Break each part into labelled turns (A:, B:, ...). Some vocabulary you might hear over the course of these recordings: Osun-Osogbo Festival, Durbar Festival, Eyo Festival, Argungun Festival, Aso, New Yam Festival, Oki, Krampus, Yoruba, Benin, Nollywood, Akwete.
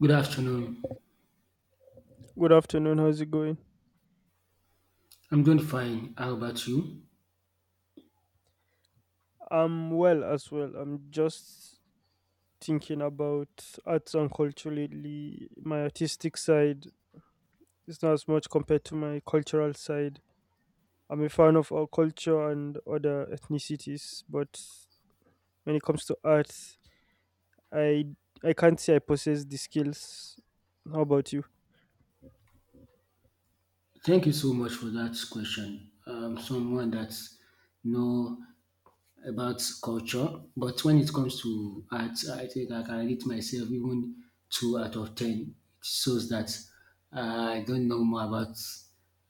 A: Good afternoon.
B: Good afternoon. How's it going?
A: I'm doing fine. How about you?
B: I'm well as well. I'm just thinking about arts and culturally my artistic side. Is not as much compared to my cultural side. I'm a fan of our culture and other ethnicities, but when it comes to art, I I can't say I possess the skills. How about you?
A: Thank you so much for that question. Someone that know about culture, but when it comes to art, I think I can rate myself even two out of ten. It shows that I don't know more about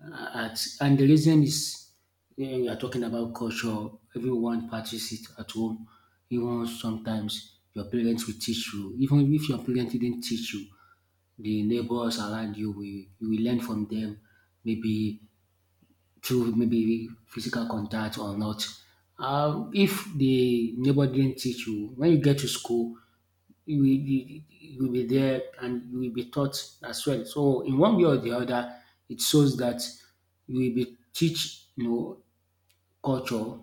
A: art, and the reason is when we are talking about culture, everyone practices it at home. Even sometimes your parents will teach you, even if your parents didn't teach you the neighbors around you will learn from them maybe through maybe physical contact or not. If the neighbor didn't teach you, when you get to school, you will be there and you will be taught as well. So in one way or the other, it shows that you will be teach culture,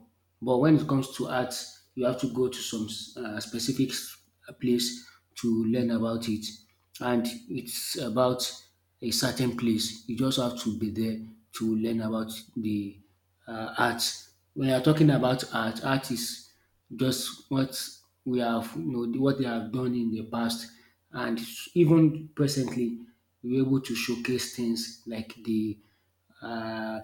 A: but when it comes to art, you have to go to some specific place to learn about it. And it's about a certain place. You just have to be there to learn about the art. When you are talking about art, art is just what we have, you know, what they have done in the past, and even presently, we're able to showcase things like uh,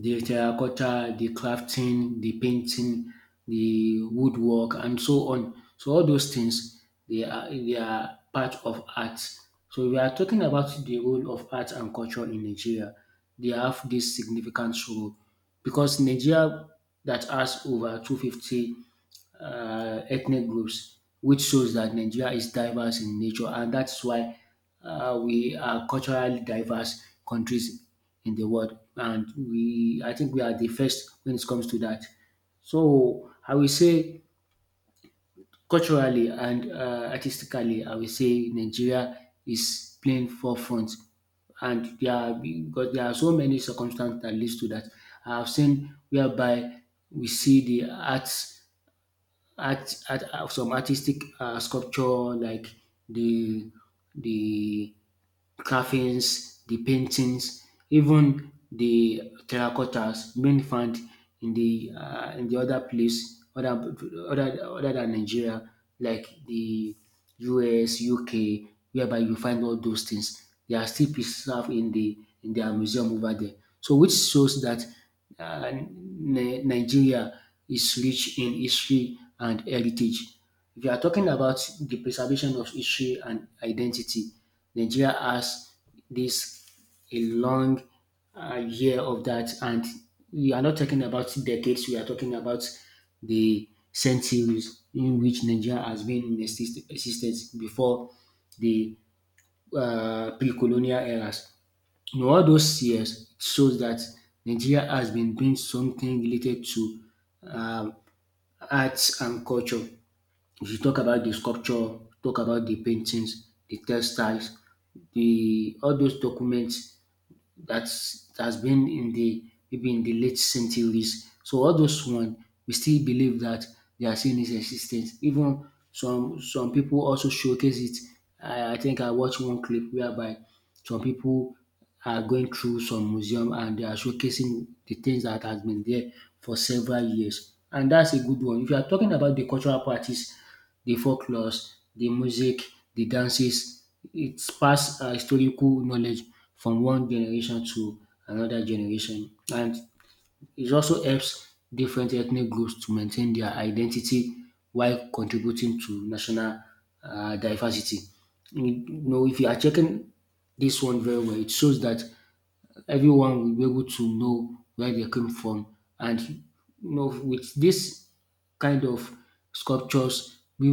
A: the terracotta, the crafting, the painting, the woodwork, and so on. So all those things they are part of art. So we are talking about the role of art and culture in Nigeria. They have this significant role because Nigeria that has over 250 ethnic groups, which shows that Nigeria is diverse in nature, and that's why we are culturally diverse countries in the world, and we I think we are the first when it comes to that. So I will say culturally and artistically, I will say Nigeria is playing forefront, and there are because there are so many circumstances that leads to that. I have seen whereby we see the arts art, art some artistic sculpture like the the carvings, the paintings, even the terracottas being found in the other place other than Nigeria, like the US, UK, whereby you find all those things. They are still preserved in the in their museum over there. So which shows that uh, Nigeria is rich in history and heritage. If you are talking about the preservation of history and identity, Nigeria has this a long year of that. And we are not talking about decades, we are talking about the centuries in which Nigeria has been in existence before the pre colonial eras. In all those years, it shows that Nigeria has been doing something related to um, arts and culture. If you talk about the sculpture, talk about the paintings, the textiles, the all those documents that's been in the maybe in the late centuries. So all those one we still believe that they are still in its existence. Even some people also showcase it. I think I watched one clip whereby some people are going through some museum and they are showcasing the things that has been there for several years. And that's a good one. If you are talking about the cultural practice, the folklores, the music, the dances. It pass historical knowledge from one generation to another generation, and it also helps different ethnic groups to maintain their identity while contributing to national diversity. You know, if you are checking this one very well, it shows that everyone will be able to know where they came from. And you know, with this kind of sculptures, we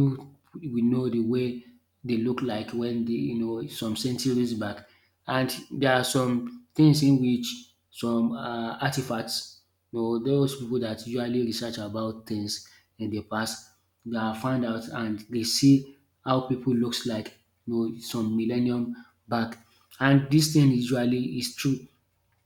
A: we know the way they look like when they you know some centuries back. And there are some things in which some artifacts, you know, those people that usually research about things in the past, they are find out and they see how people looks like you know some millennium back and this thing usually is true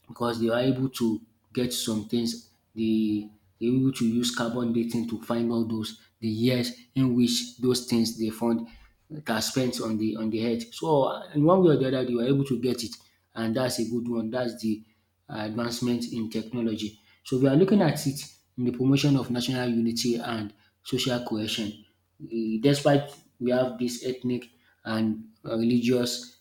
A: because they were able to get some things. They were able to use carbon dating to find all those the years in which those things they found that are spent on the earth. So in one way or the other, they were able to get it, and that's a good one. That's the advancement in technology. So we are looking at it in the promotion of national unity and social cohesion. Despite we have this ethnic and religious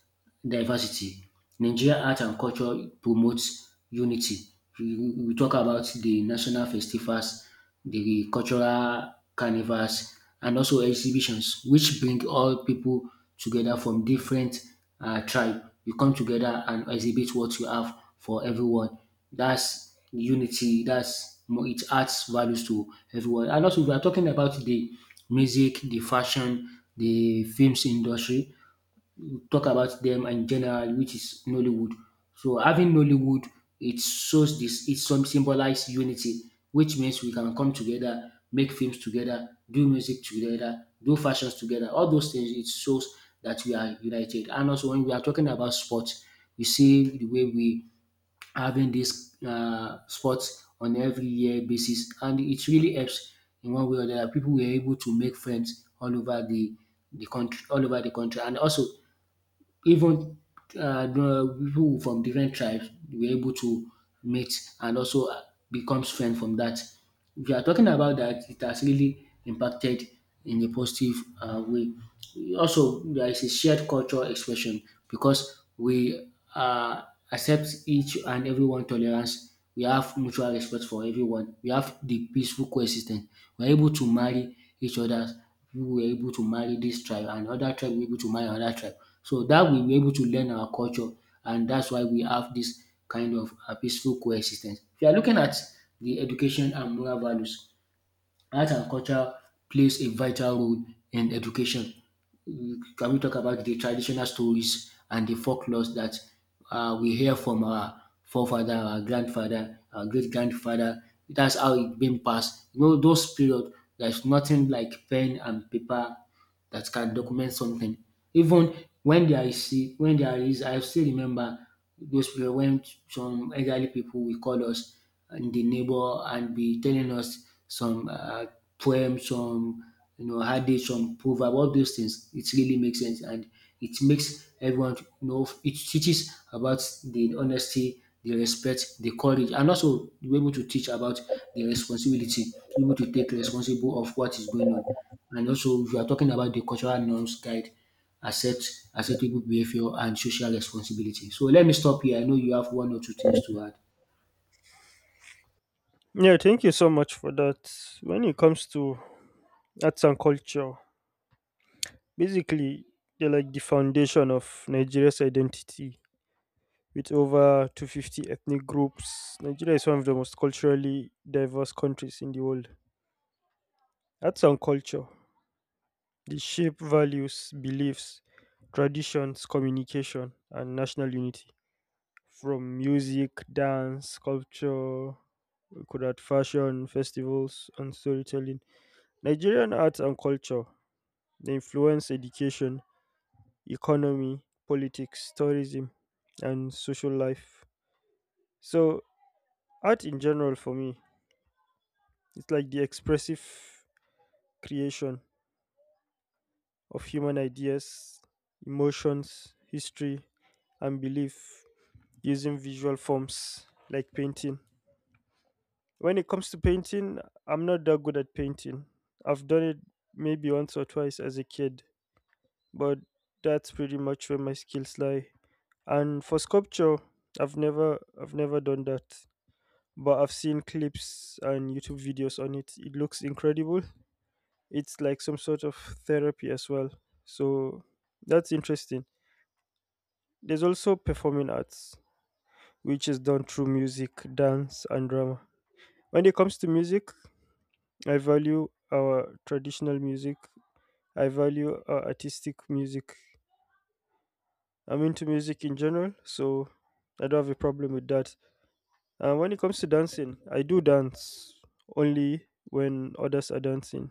A: diversity. Nigeria art and culture promotes unity. We you talk about the national festivals, the cultural carnivals, and also exhibitions, which bring all people together from different tribe. You come together and exhibit what you have for everyone. That's unity. That's it adds values to everyone. And also, we are talking about the music, the fashion, the films industry, talk about them in general, which is Nollywood. So having Nollywood, it shows it some symbolize unity, which means we can come together, make films together, do music together, do fashions together. All those things, it shows that we are united. And also when we are talking about sports, you see the way we having this sports on every year basis, and it really helps in one way or the other. People were able to make friends all over the country, and also even the people from different tribes were able to meet and also become friends from that. If you are talking about that, it has really impacted in a positive way. Also, there is a shared cultural expression because we accept each and everyone tolerance. We have mutual respect for everyone. We have the peaceful coexistence. We're able to marry each other we were able to marry this tribe and other tribe were able to marry another tribe. So that we were able to learn our culture and that's why we have this kind of peaceful coexistence. If you are looking at the education and moral values, art and culture plays a vital role in education. Can we talk about the traditional stories and the folklores that we hear from our forefather, our grandfather, our great grandfather? That's how it been passed. You know, those period, there's nothing like pen and paper that can document something. Even when there is I still remember those period when some elderly people will call us in the neighbor and be telling us some poem, some you know adage, some proverb, all those things. It really makes sense and it makes everyone to know it teaches about the honesty, the respect, the courage, and also be able to teach about the responsibility, be able to take responsible of what is going on. And also, if you are talking about the cultural norms guide, accept acceptable behavior and social responsibility. So let me stop here. I know you have one or two things to add.
B: Yeah, thank you so much for that. When it comes to arts and culture, basically they're like the foundation of Nigeria's identity. With over 250 ethnic groups, Nigeria is one of the most culturally diverse countries in the world. Arts and culture, they shape values, beliefs, traditions, communication, and national unity. From music, dance, sculpture, we could add fashion, festivals, and storytelling. Nigerian arts and culture, they influence education, economy, politics, tourism, and social life. So art in general for me, it's like the expressive creation of human ideas, emotions, history, and belief using visual forms like painting. When it comes to painting, I'm not that good at painting. I've done it maybe once or twice as a kid, but that's pretty much where my skills lie. And for sculpture, I've never done that, but I've seen clips and YouTube videos on it. It looks incredible. It's like some sort of therapy as well. So that's interesting. There's also performing arts, which is done through music, dance, and drama. When it comes to music, I value our traditional music, I value our artistic music. I'm into music in general, so I don't have a problem with that. And when it comes to dancing, I do dance only when others are dancing.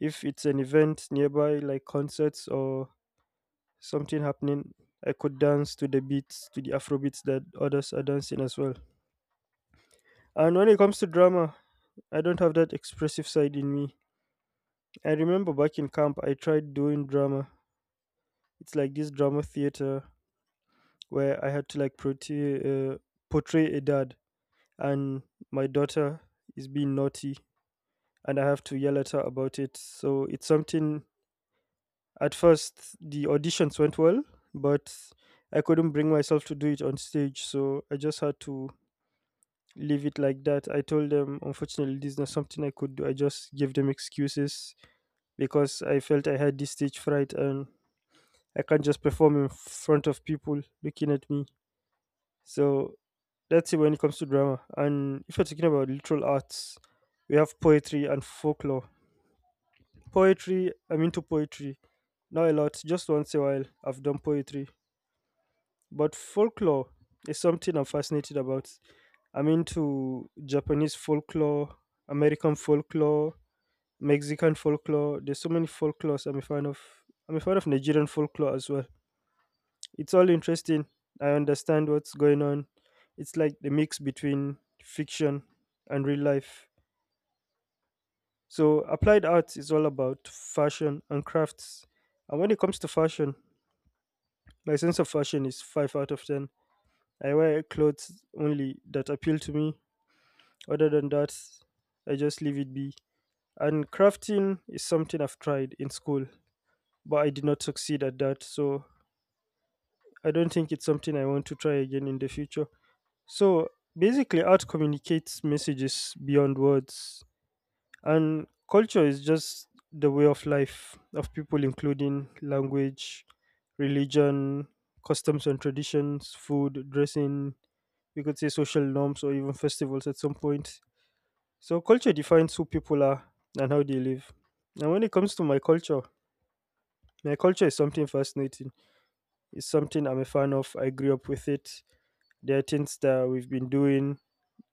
B: If it's an event nearby, like concerts or something happening. I could dance to the beats, to the Afro beats that others are dancing as well. And when it comes to drama, I don't have that expressive side in me. I remember back in camp, I tried doing drama. It's like this drama theater where I had to like portray, uh, portray a dad, and my daughter is being naughty, and I have to yell at her about it. So it's something. At first, the auditions went well, but I couldn't bring myself to do it on stage, so I just had to leave it like that. I told them, unfortunately, this is not something I could do. I just gave them excuses because I felt I had this stage fright and I can't just perform in front of people looking at me. So that's it when it comes to drama. And if you're talking about literal arts, we have poetry and folklore. Poetry, I'm into poetry. Not a lot, just once a while I've done poetry. But folklore is something I'm fascinated about. I'm into Japanese folklore, American folklore, Mexican folklore. There's so many folklores I'm a fan of. I'm a fan of Nigerian folklore as well. It's all interesting. I understand what's going on. It's like the mix between fiction and real life. So applied arts is all about fashion and crafts. And when it comes to fashion, my sense of fashion is 5 out of 10. I wear clothes only that appeal to me. Other than that, I just leave it be. And crafting is something I've tried in school, but I did not succeed at that. So I don't think it's something I want to try again in the future. So basically, art communicates messages beyond words, and culture is just the way of life of people, including language, religion, customs and traditions, food, dressing, we could say social norms, or even festivals at some point. So culture defines who people are and how they live. And when it comes to my culture is something fascinating. It's something I'm a fan of. I grew up with it. There are things that we've been doing.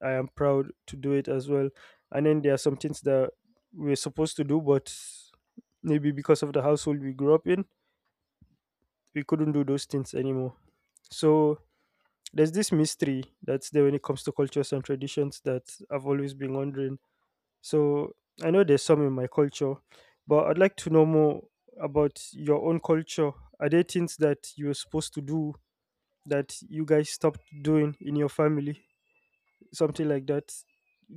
B: I am proud to do it as well. And then there are some things that we're supposed to do, but maybe because of the household we grew up in, we couldn't do those things anymore. So there's this mystery that's there when it comes to cultures and traditions that I've always been wondering. So I know there's some in my culture, but I'd like to know more about your own culture. Are there things that you were supposed to do that you guys stopped doing in your family? Something like that.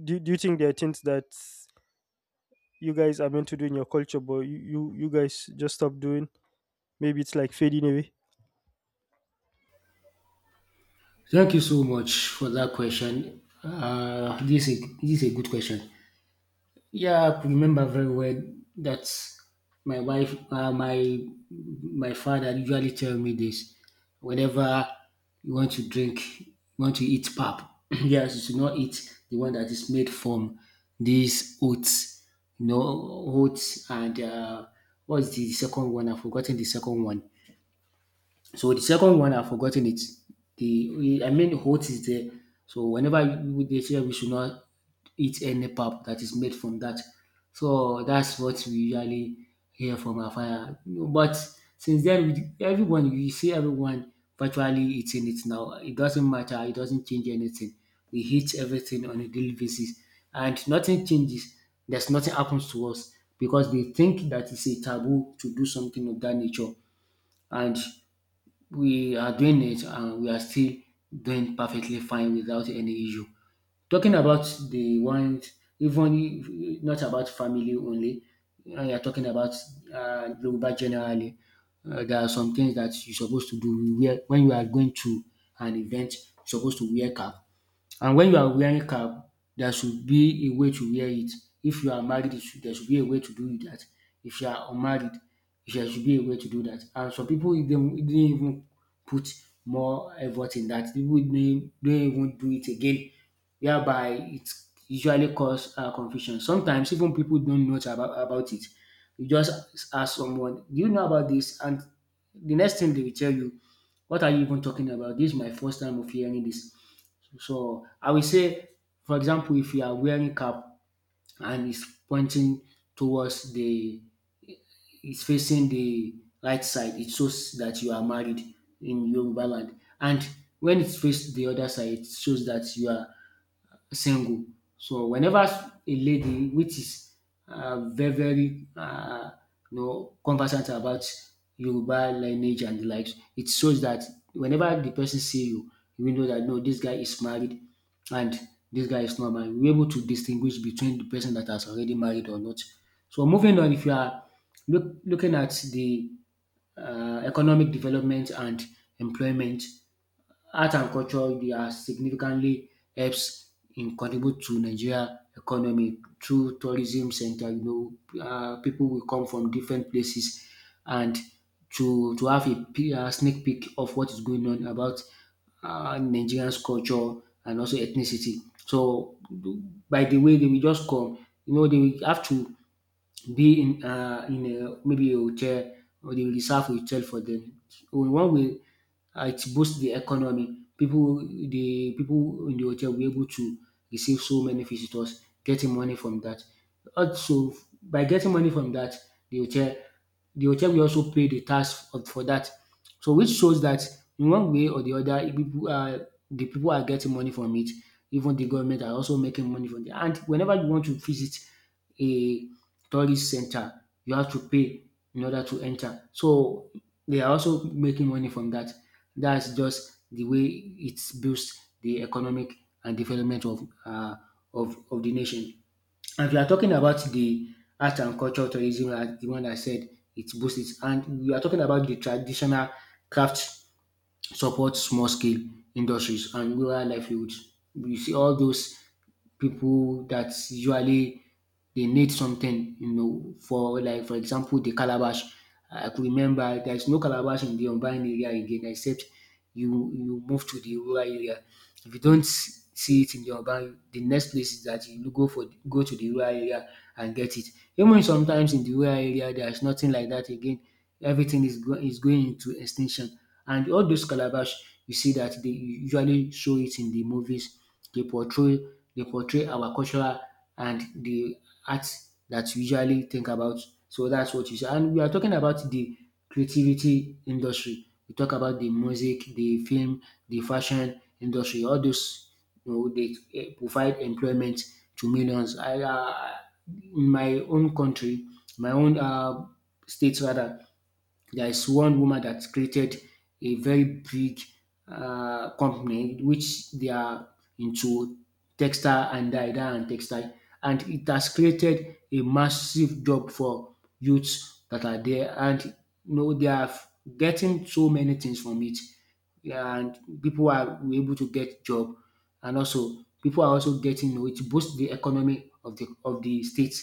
B: Do you think there are things that you guys are meant to do in your culture but you guys just stop doing, maybe it's like fading away?
A: Thank you so much for that question. This is a good question. Yeah, I could remember very well that my wife, my my father usually tell me this. Whenever you want to drink, you want to eat pap, yes, you should not eat the one that is made from these oats, you know, oats and what's the second one? I've forgotten the second one. So the second one, I've forgotten it. The I mean, oats is there. So they say we should not eat any pap that is made from that. So that's what we usually hear from our father. But since then, everyone you see everyone virtually eating it now. It doesn't matter. It doesn't change anything. We eat everything on a daily basis, and nothing changes. There's nothing happens to us because they think that it's a taboo to do something of that nature, and we are doing it and we are still doing perfectly fine without any issue. Talking about the ones, even if not about family only, and you're talking about Yoruba generally, there are some things that you're supposed to do. When you are going to an event, you're supposed to wear cap. And when you are wearing cap, there should be a way to wear it. If you are married, it should there should be a way to do that. If you are unmarried, there should be a way to do that. And some people they didn't even put more effort in that. People didn't, do not even do it again, whereby it usually cause confusion. Sometimes even people don't know about it. You just ask someone, "Do you know about this?" And the next thing they will tell you, "What are you even talking about? This is my first time of hearing this." So I will say, for example, if you are wearing cap and it's pointing towards it's facing the right side, it shows that you are married in Yoruba land. And when it's faced the other side, it shows that you are single. So whenever a lady which is very very conversant about Yoruba lineage and the likes, it shows that whenever the person see you, you will know that no, this guy is married and this guy is not married. We're able to distinguish between the person that has already married or not. So moving on, if you are looking at the economic development and employment, art and culture dey are significantly helps in contribute to Nigeria economy through tourism center, pipu will come from different places and to have a a sneak peak of what is going on about Nigerians culture and also ethnicity. So by de way dey will just come, you know, dey will have to be in a maybe a hotel or dey will reserve a hotel for dem. So in one way it boosts the economy. The people in the hotel will be able to receive so many visitors, getting money from that. Also, by getting money from that, the hotel, the hotel will also pay the tax for that. So, which shows that in one way or the other, if people are the people are getting money from it. Even the government are also making money from it. And whenever you want to visit a tourist center, you have to pay in order to enter. So they are also making money from that. That's just the way it boosts the economic and development of of the nation. And if you are talking about the art and culture tourism, as the one I said, it boosts it. And we are talking about the traditional craft support small scale industries and rural livelihoods. You see all those people that usually they need something, you know, for like for example the calabash. I could remember there's no calabash in the urban area again except you move to the rural area. If you don't see it in the urban, the next place is that you go to the rural area and get it. Even sometimes in the rural area there's nothing like that again. Everything is is going into extinction. And all those calabash you see that they usually show it in the movies. They portray they portray our cultural and the art that we usually think about. So that's what you say. And we are talking about the creativity industry. We talk about the music, the film, the fashion industry. All those, you know, they eh, provide employment to millions. In my own country, my own state rather, there is one woman that created a very big company which they are into textile and dye dye, and textile, and it has created a massive job for youths that are there, and you know they are getting so many things from it, and people are able to get job, and also people are also getting, you know, it boosts the economy of the state,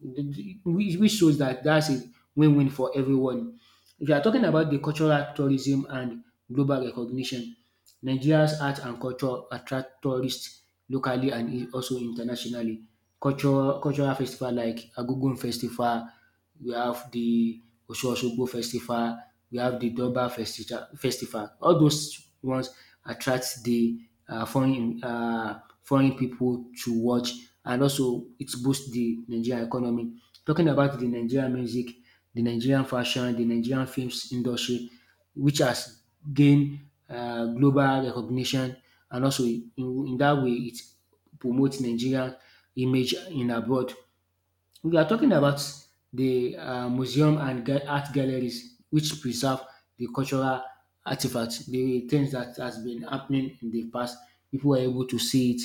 A: which shows that that's a win-win for everyone. If you are talking about the cultural tourism and global recognition, Nigeria's art and culture attract tourists locally and also internationally. Culture Cultural festival like Argungun Festival, we have the Osun-Osogbo Festival, we have the Durbar Festival. All those ones attract the foreign foreign pipu to watch and also it boost the Nigerian economy. Talking about the Nigerian music, the Nigerian fashion, the Nigerian films industry which has gained global recognition and also in that way it promotes Nigerian image in abroad. We are talking about the museum and art galleries which preserve the cultural artifacts, the things that has been happening in the past. People were able to see it,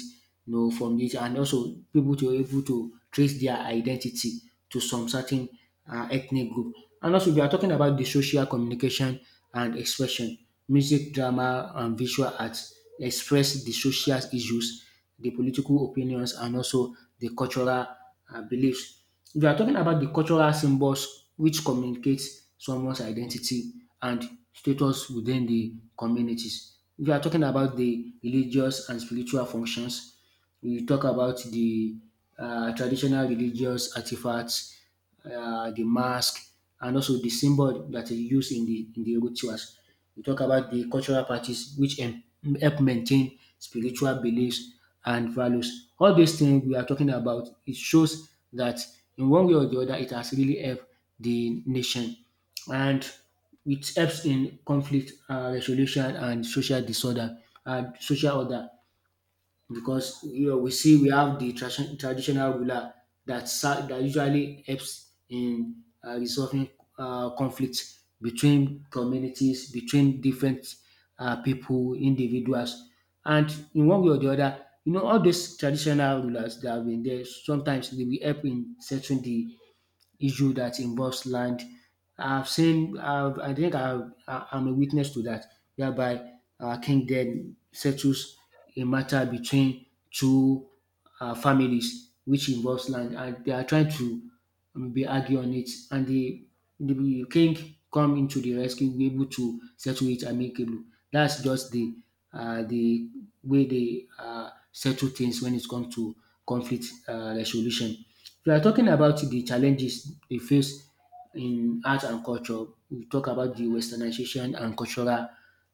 A: you know, from this, and also people to able to trace their identity to some certain ethnic group. And also, we are talking about the social communication and expression. Music, drama, and visual arts express the social issues, the political opinions, and also the cultural beliefs. We are talking about the cultural symbols which communicates someone's identity and status within the communities. We are talking about the religious and spiritual functions. We talk about the traditional religious artifacts, the mask, and also the symbol that is used in the rituals. We talk about the cultural practice which help maintain spiritual beliefs and values. All these things we are talking about, it shows that in one way or the other, it has really helped the nation, and it helps in conflict resolution and social disorder and social order because you know we see we have traditional ruler that usually helps in resolving conflicts between communities, between different people individuals, and in one way or the other, you know, all those traditional rulers that have been there sometimes they will help in settling the issue that involves land. I think I'm a witness to that, whereby a king then settles a matter between two families which involves land, and they are trying to be argue on it, and the king come into the rescue, be able to settle it amicably. That's just the uh, the way they settle things when it comes to conflict resolution. If you are talking about de challenges dey face in art and culture, we talk about de westernization and cultural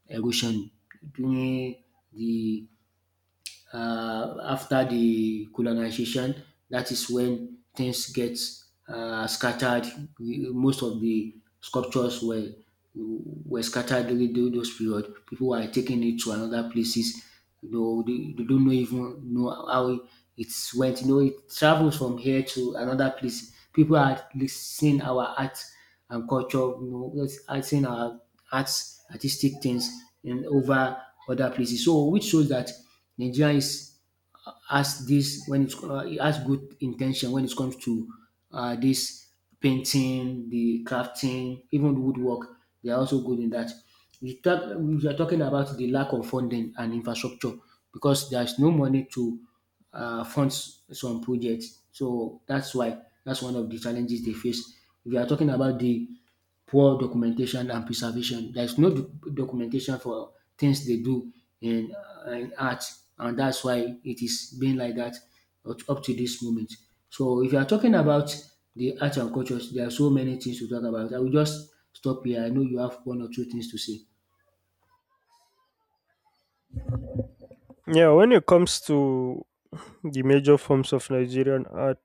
A: erosion during de after the colonization, that is when things get scattered. Most of the sculptures were scattered during those period. People were taking it to another places. You know, they don't know even know how it went. You know, it travels from here to another place. People are seeing our art and culture. You know, are seeing our artistic things in over other places. So, which shows that Nigeria is has this when it has good intention when it comes to this painting, the crafting, even woodwork. They are also good in that. We are talking about the lack of funding and infrastructure because there is no money to fund some projects. So that's why that's one of the challenges they face. If you are talking about the poor documentation and preservation. There is no documentation for things they do in, in art, and that's why it is being like that up to this moment. So, if you are talking about the arts and cultures, there are so many things to talk about. I will just stop here. I know you have one or two things to say.
B: Yeah, when it comes to the major forms of Nigerian art,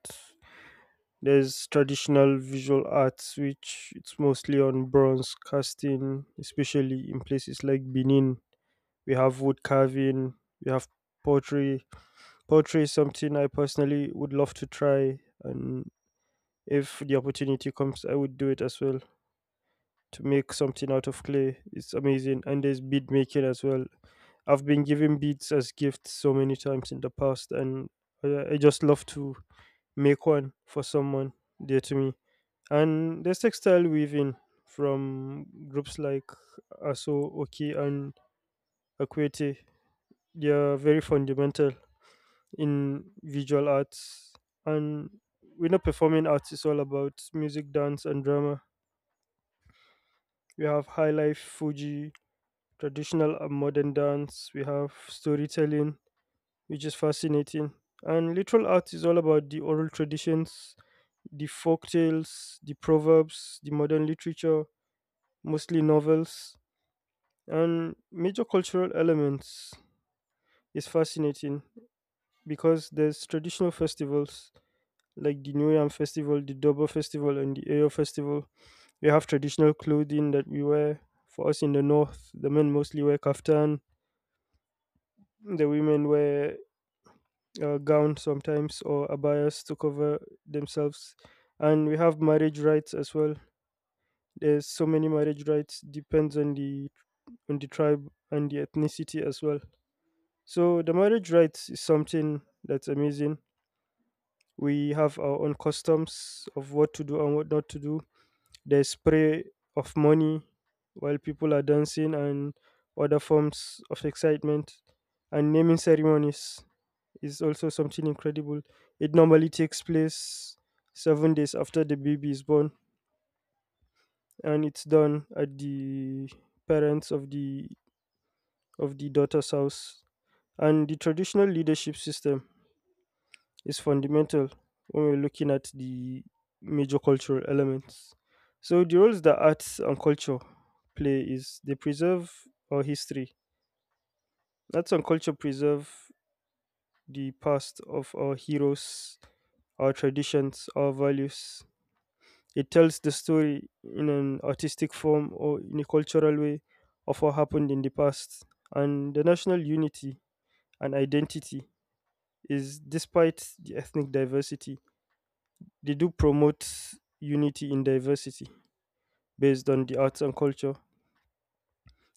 B: there's traditional visual arts which it's mostly on bronze casting especially in places like Benin. We have wood carving, we have pottery. Poetry is something I personally would love to try, and if the opportunity comes, I would do it as well. To make something out of clay, it's amazing, and there's bead making as well. I've been given beads as gifts so many times in the past, and I just love to make one for someone dear to me. And there's textile weaving from groups like Aso, Oki, and Akwete. They are very fundamental in visual arts. And we're not performing arts, it's all about music, dance, and drama. We have high life, Fuji, traditional and modern dance, we have storytelling, which is fascinating. And literal art is all about the oral traditions, the folk tales, the proverbs, the modern literature, mostly novels, and major cultural elements is fascinating because there's traditional festivals like the New Yam Festival, the Durbar Festival, and the Eyo Festival. We have traditional clothing that we wear. For us in the north, the men mostly wear kaftan, the women wear gowns sometimes or abayas to cover themselves. And we have marriage rites as well. There's so many marriage rites, depends on the tribe and the ethnicity as well. So the marriage rites is something that's amazing. We have our own customs of what to do and what not to do. There's spray of money while people are dancing and other forms of excitement. And naming ceremonies is also something incredible. It normally takes place 7 days after the baby is born, and it's done at the parents of the daughter's house. And the traditional leadership system is fundamental when we're looking at the major cultural elements. So the roles that arts and culture play is they preserve our history. Arts and culture preserve the past of our heroes, our traditions, our values. It tells the story in an artistic form or in a cultural way of what happened in the past. And the national unity and identity is despite the ethnic diversity, they do promote unity in diversity based on the arts and culture.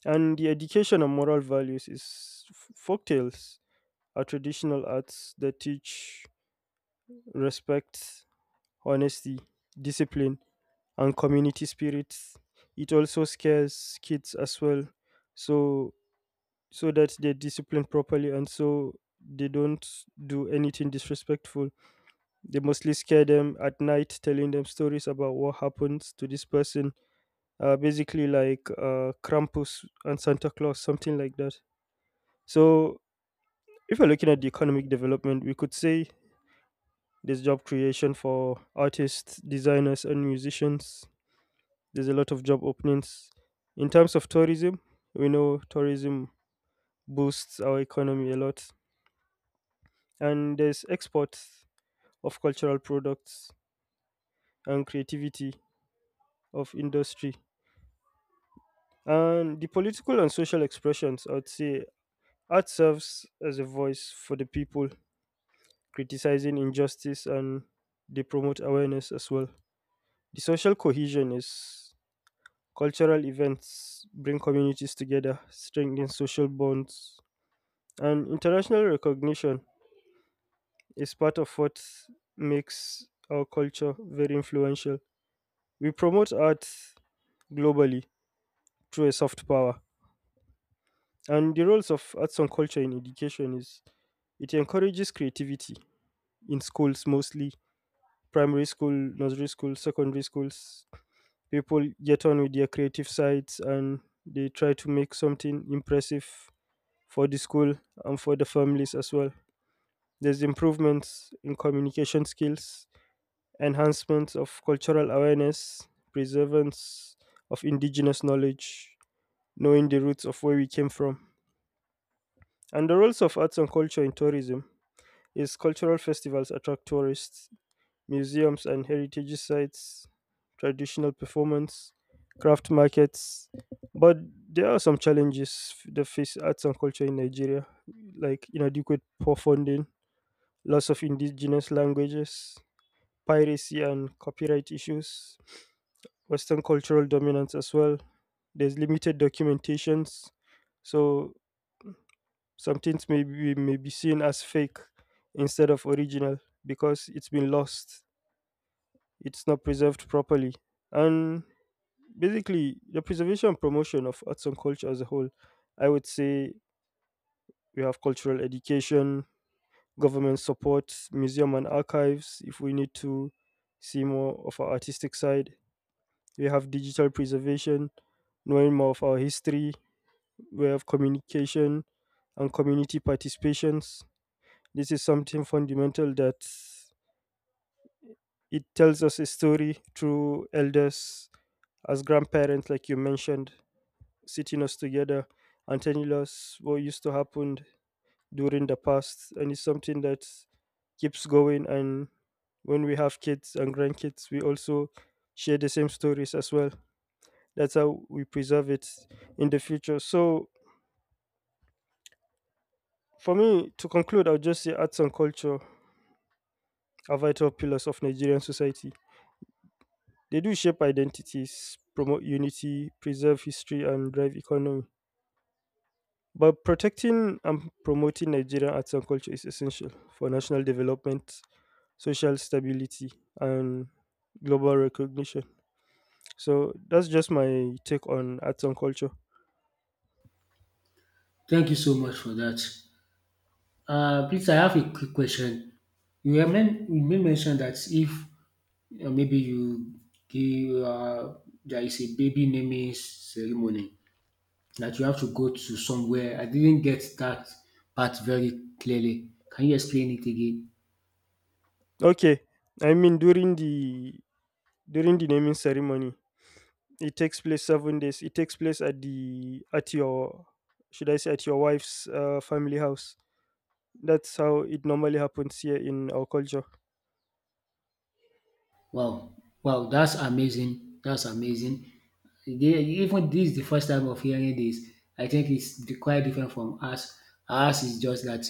B: And the education and moral values is folktales are traditional arts that teach respect, honesty, discipline, and community spirit. It also scares kids as well, so so that they're disciplined properly and so they don't do anything disrespectful. They mostly scare them at night, telling them stories about what happens to this person, basically like Krampus and Santa Claus, something like that. So if we're looking at the economic development, we could say there's job creation for artists, designers, and musicians. There's a lot of job openings. In terms of tourism, we know tourism boosts our economy a lot, and there's exports of cultural products and creativity of industry. And the political and social expressions, I would say, art serves as a voice for the people criticizing injustice, and they promote awareness as well. The social cohesion is cultural events bring communities together, strengthen social bonds, and international recognition is part of what makes our culture very influential. We promote art globally through a soft power, and the roles of arts and culture in education is it encourages creativity in schools, mostly primary school, nursery school, secondary schools, people get on with their creative sides and they try to make something impressive for the school and for the families as well. There's improvements in communication skills, enhancements of cultural awareness, preservance of indigenous knowledge, knowing the roots of where we came from. And the roles of arts and culture in tourism is cultural festivals attract tourists, museums and heritage sites, traditional performance, craft markets. But there are some challenges that face arts and culture in Nigeria, like inadequate poor funding, loss of indigenous languages, piracy and copyright issues, Western cultural dominance as well. There's limited documentations, so some things may be seen as fake instead of original because it's been lost, it's not preserved properly. And basically, the preservation and promotion of arts and culture as a whole, I would say we have cultural education, government support, museum and archives, if we need to see more of our artistic side. We have digital preservation, knowing more of our history. We have communication and community participations. This is something fundamental that it tells us a story through elders as grandparents, like you mentioned, sitting us together and telling us what used to happen during the past. And it's something that keeps going. And when we have kids and grandkids, we also share the same stories as well. That's how we preserve it in the future. So for me, to conclude, I'll just say arts and culture are vital pillars of Nigerian society. They do shape identities, promote unity, preserve history, and drive economy. But protecting and promoting Nigerian arts and culture is essential for national development, social stability, and global recognition. So that's just my take on arts and culture.
A: Thank you so much for that. Please, I have a quick question. You made mention that if maybe you give there is a baby naming ceremony, that you have to go to somewhere. I didn't get that part very clearly. Can you explain it again?
B: Okay, I mean during the naming ceremony, it takes place 7 days. It takes place at the at your, should I say at your wife's family house. That's how it normally happens here in our culture.
A: Wow, wow, that's amazing. That's amazing. They, even this is the first time of hearing this. I think quite different from us. Ours is just that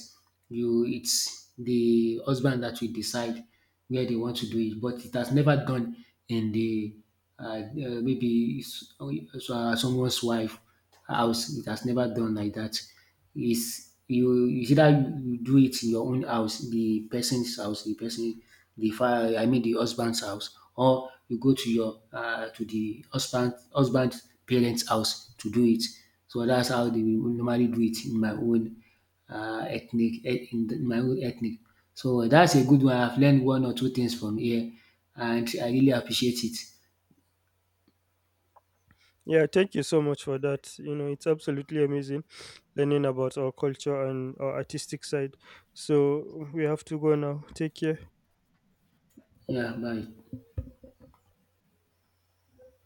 A: you it's the husband that will decide where they want to do it, but it has never done in the uh, maybe someone's wife house. It has never done like that. Is you is either you do it in your own house, the person's house, the fa I mean the husband's house, or you go to your to the husband parents house to do it. So that's how they will normally do it in my own ethnic eh, in the- my own ethnic. So that's a good one. I've learned one or two things from here and I really appreciate it.
B: Yeah, thank you so much for that. You know, it's absolutely amazing learning about our culture and our artistic side. So we have to go now. Take care.
A: Yeah, bye.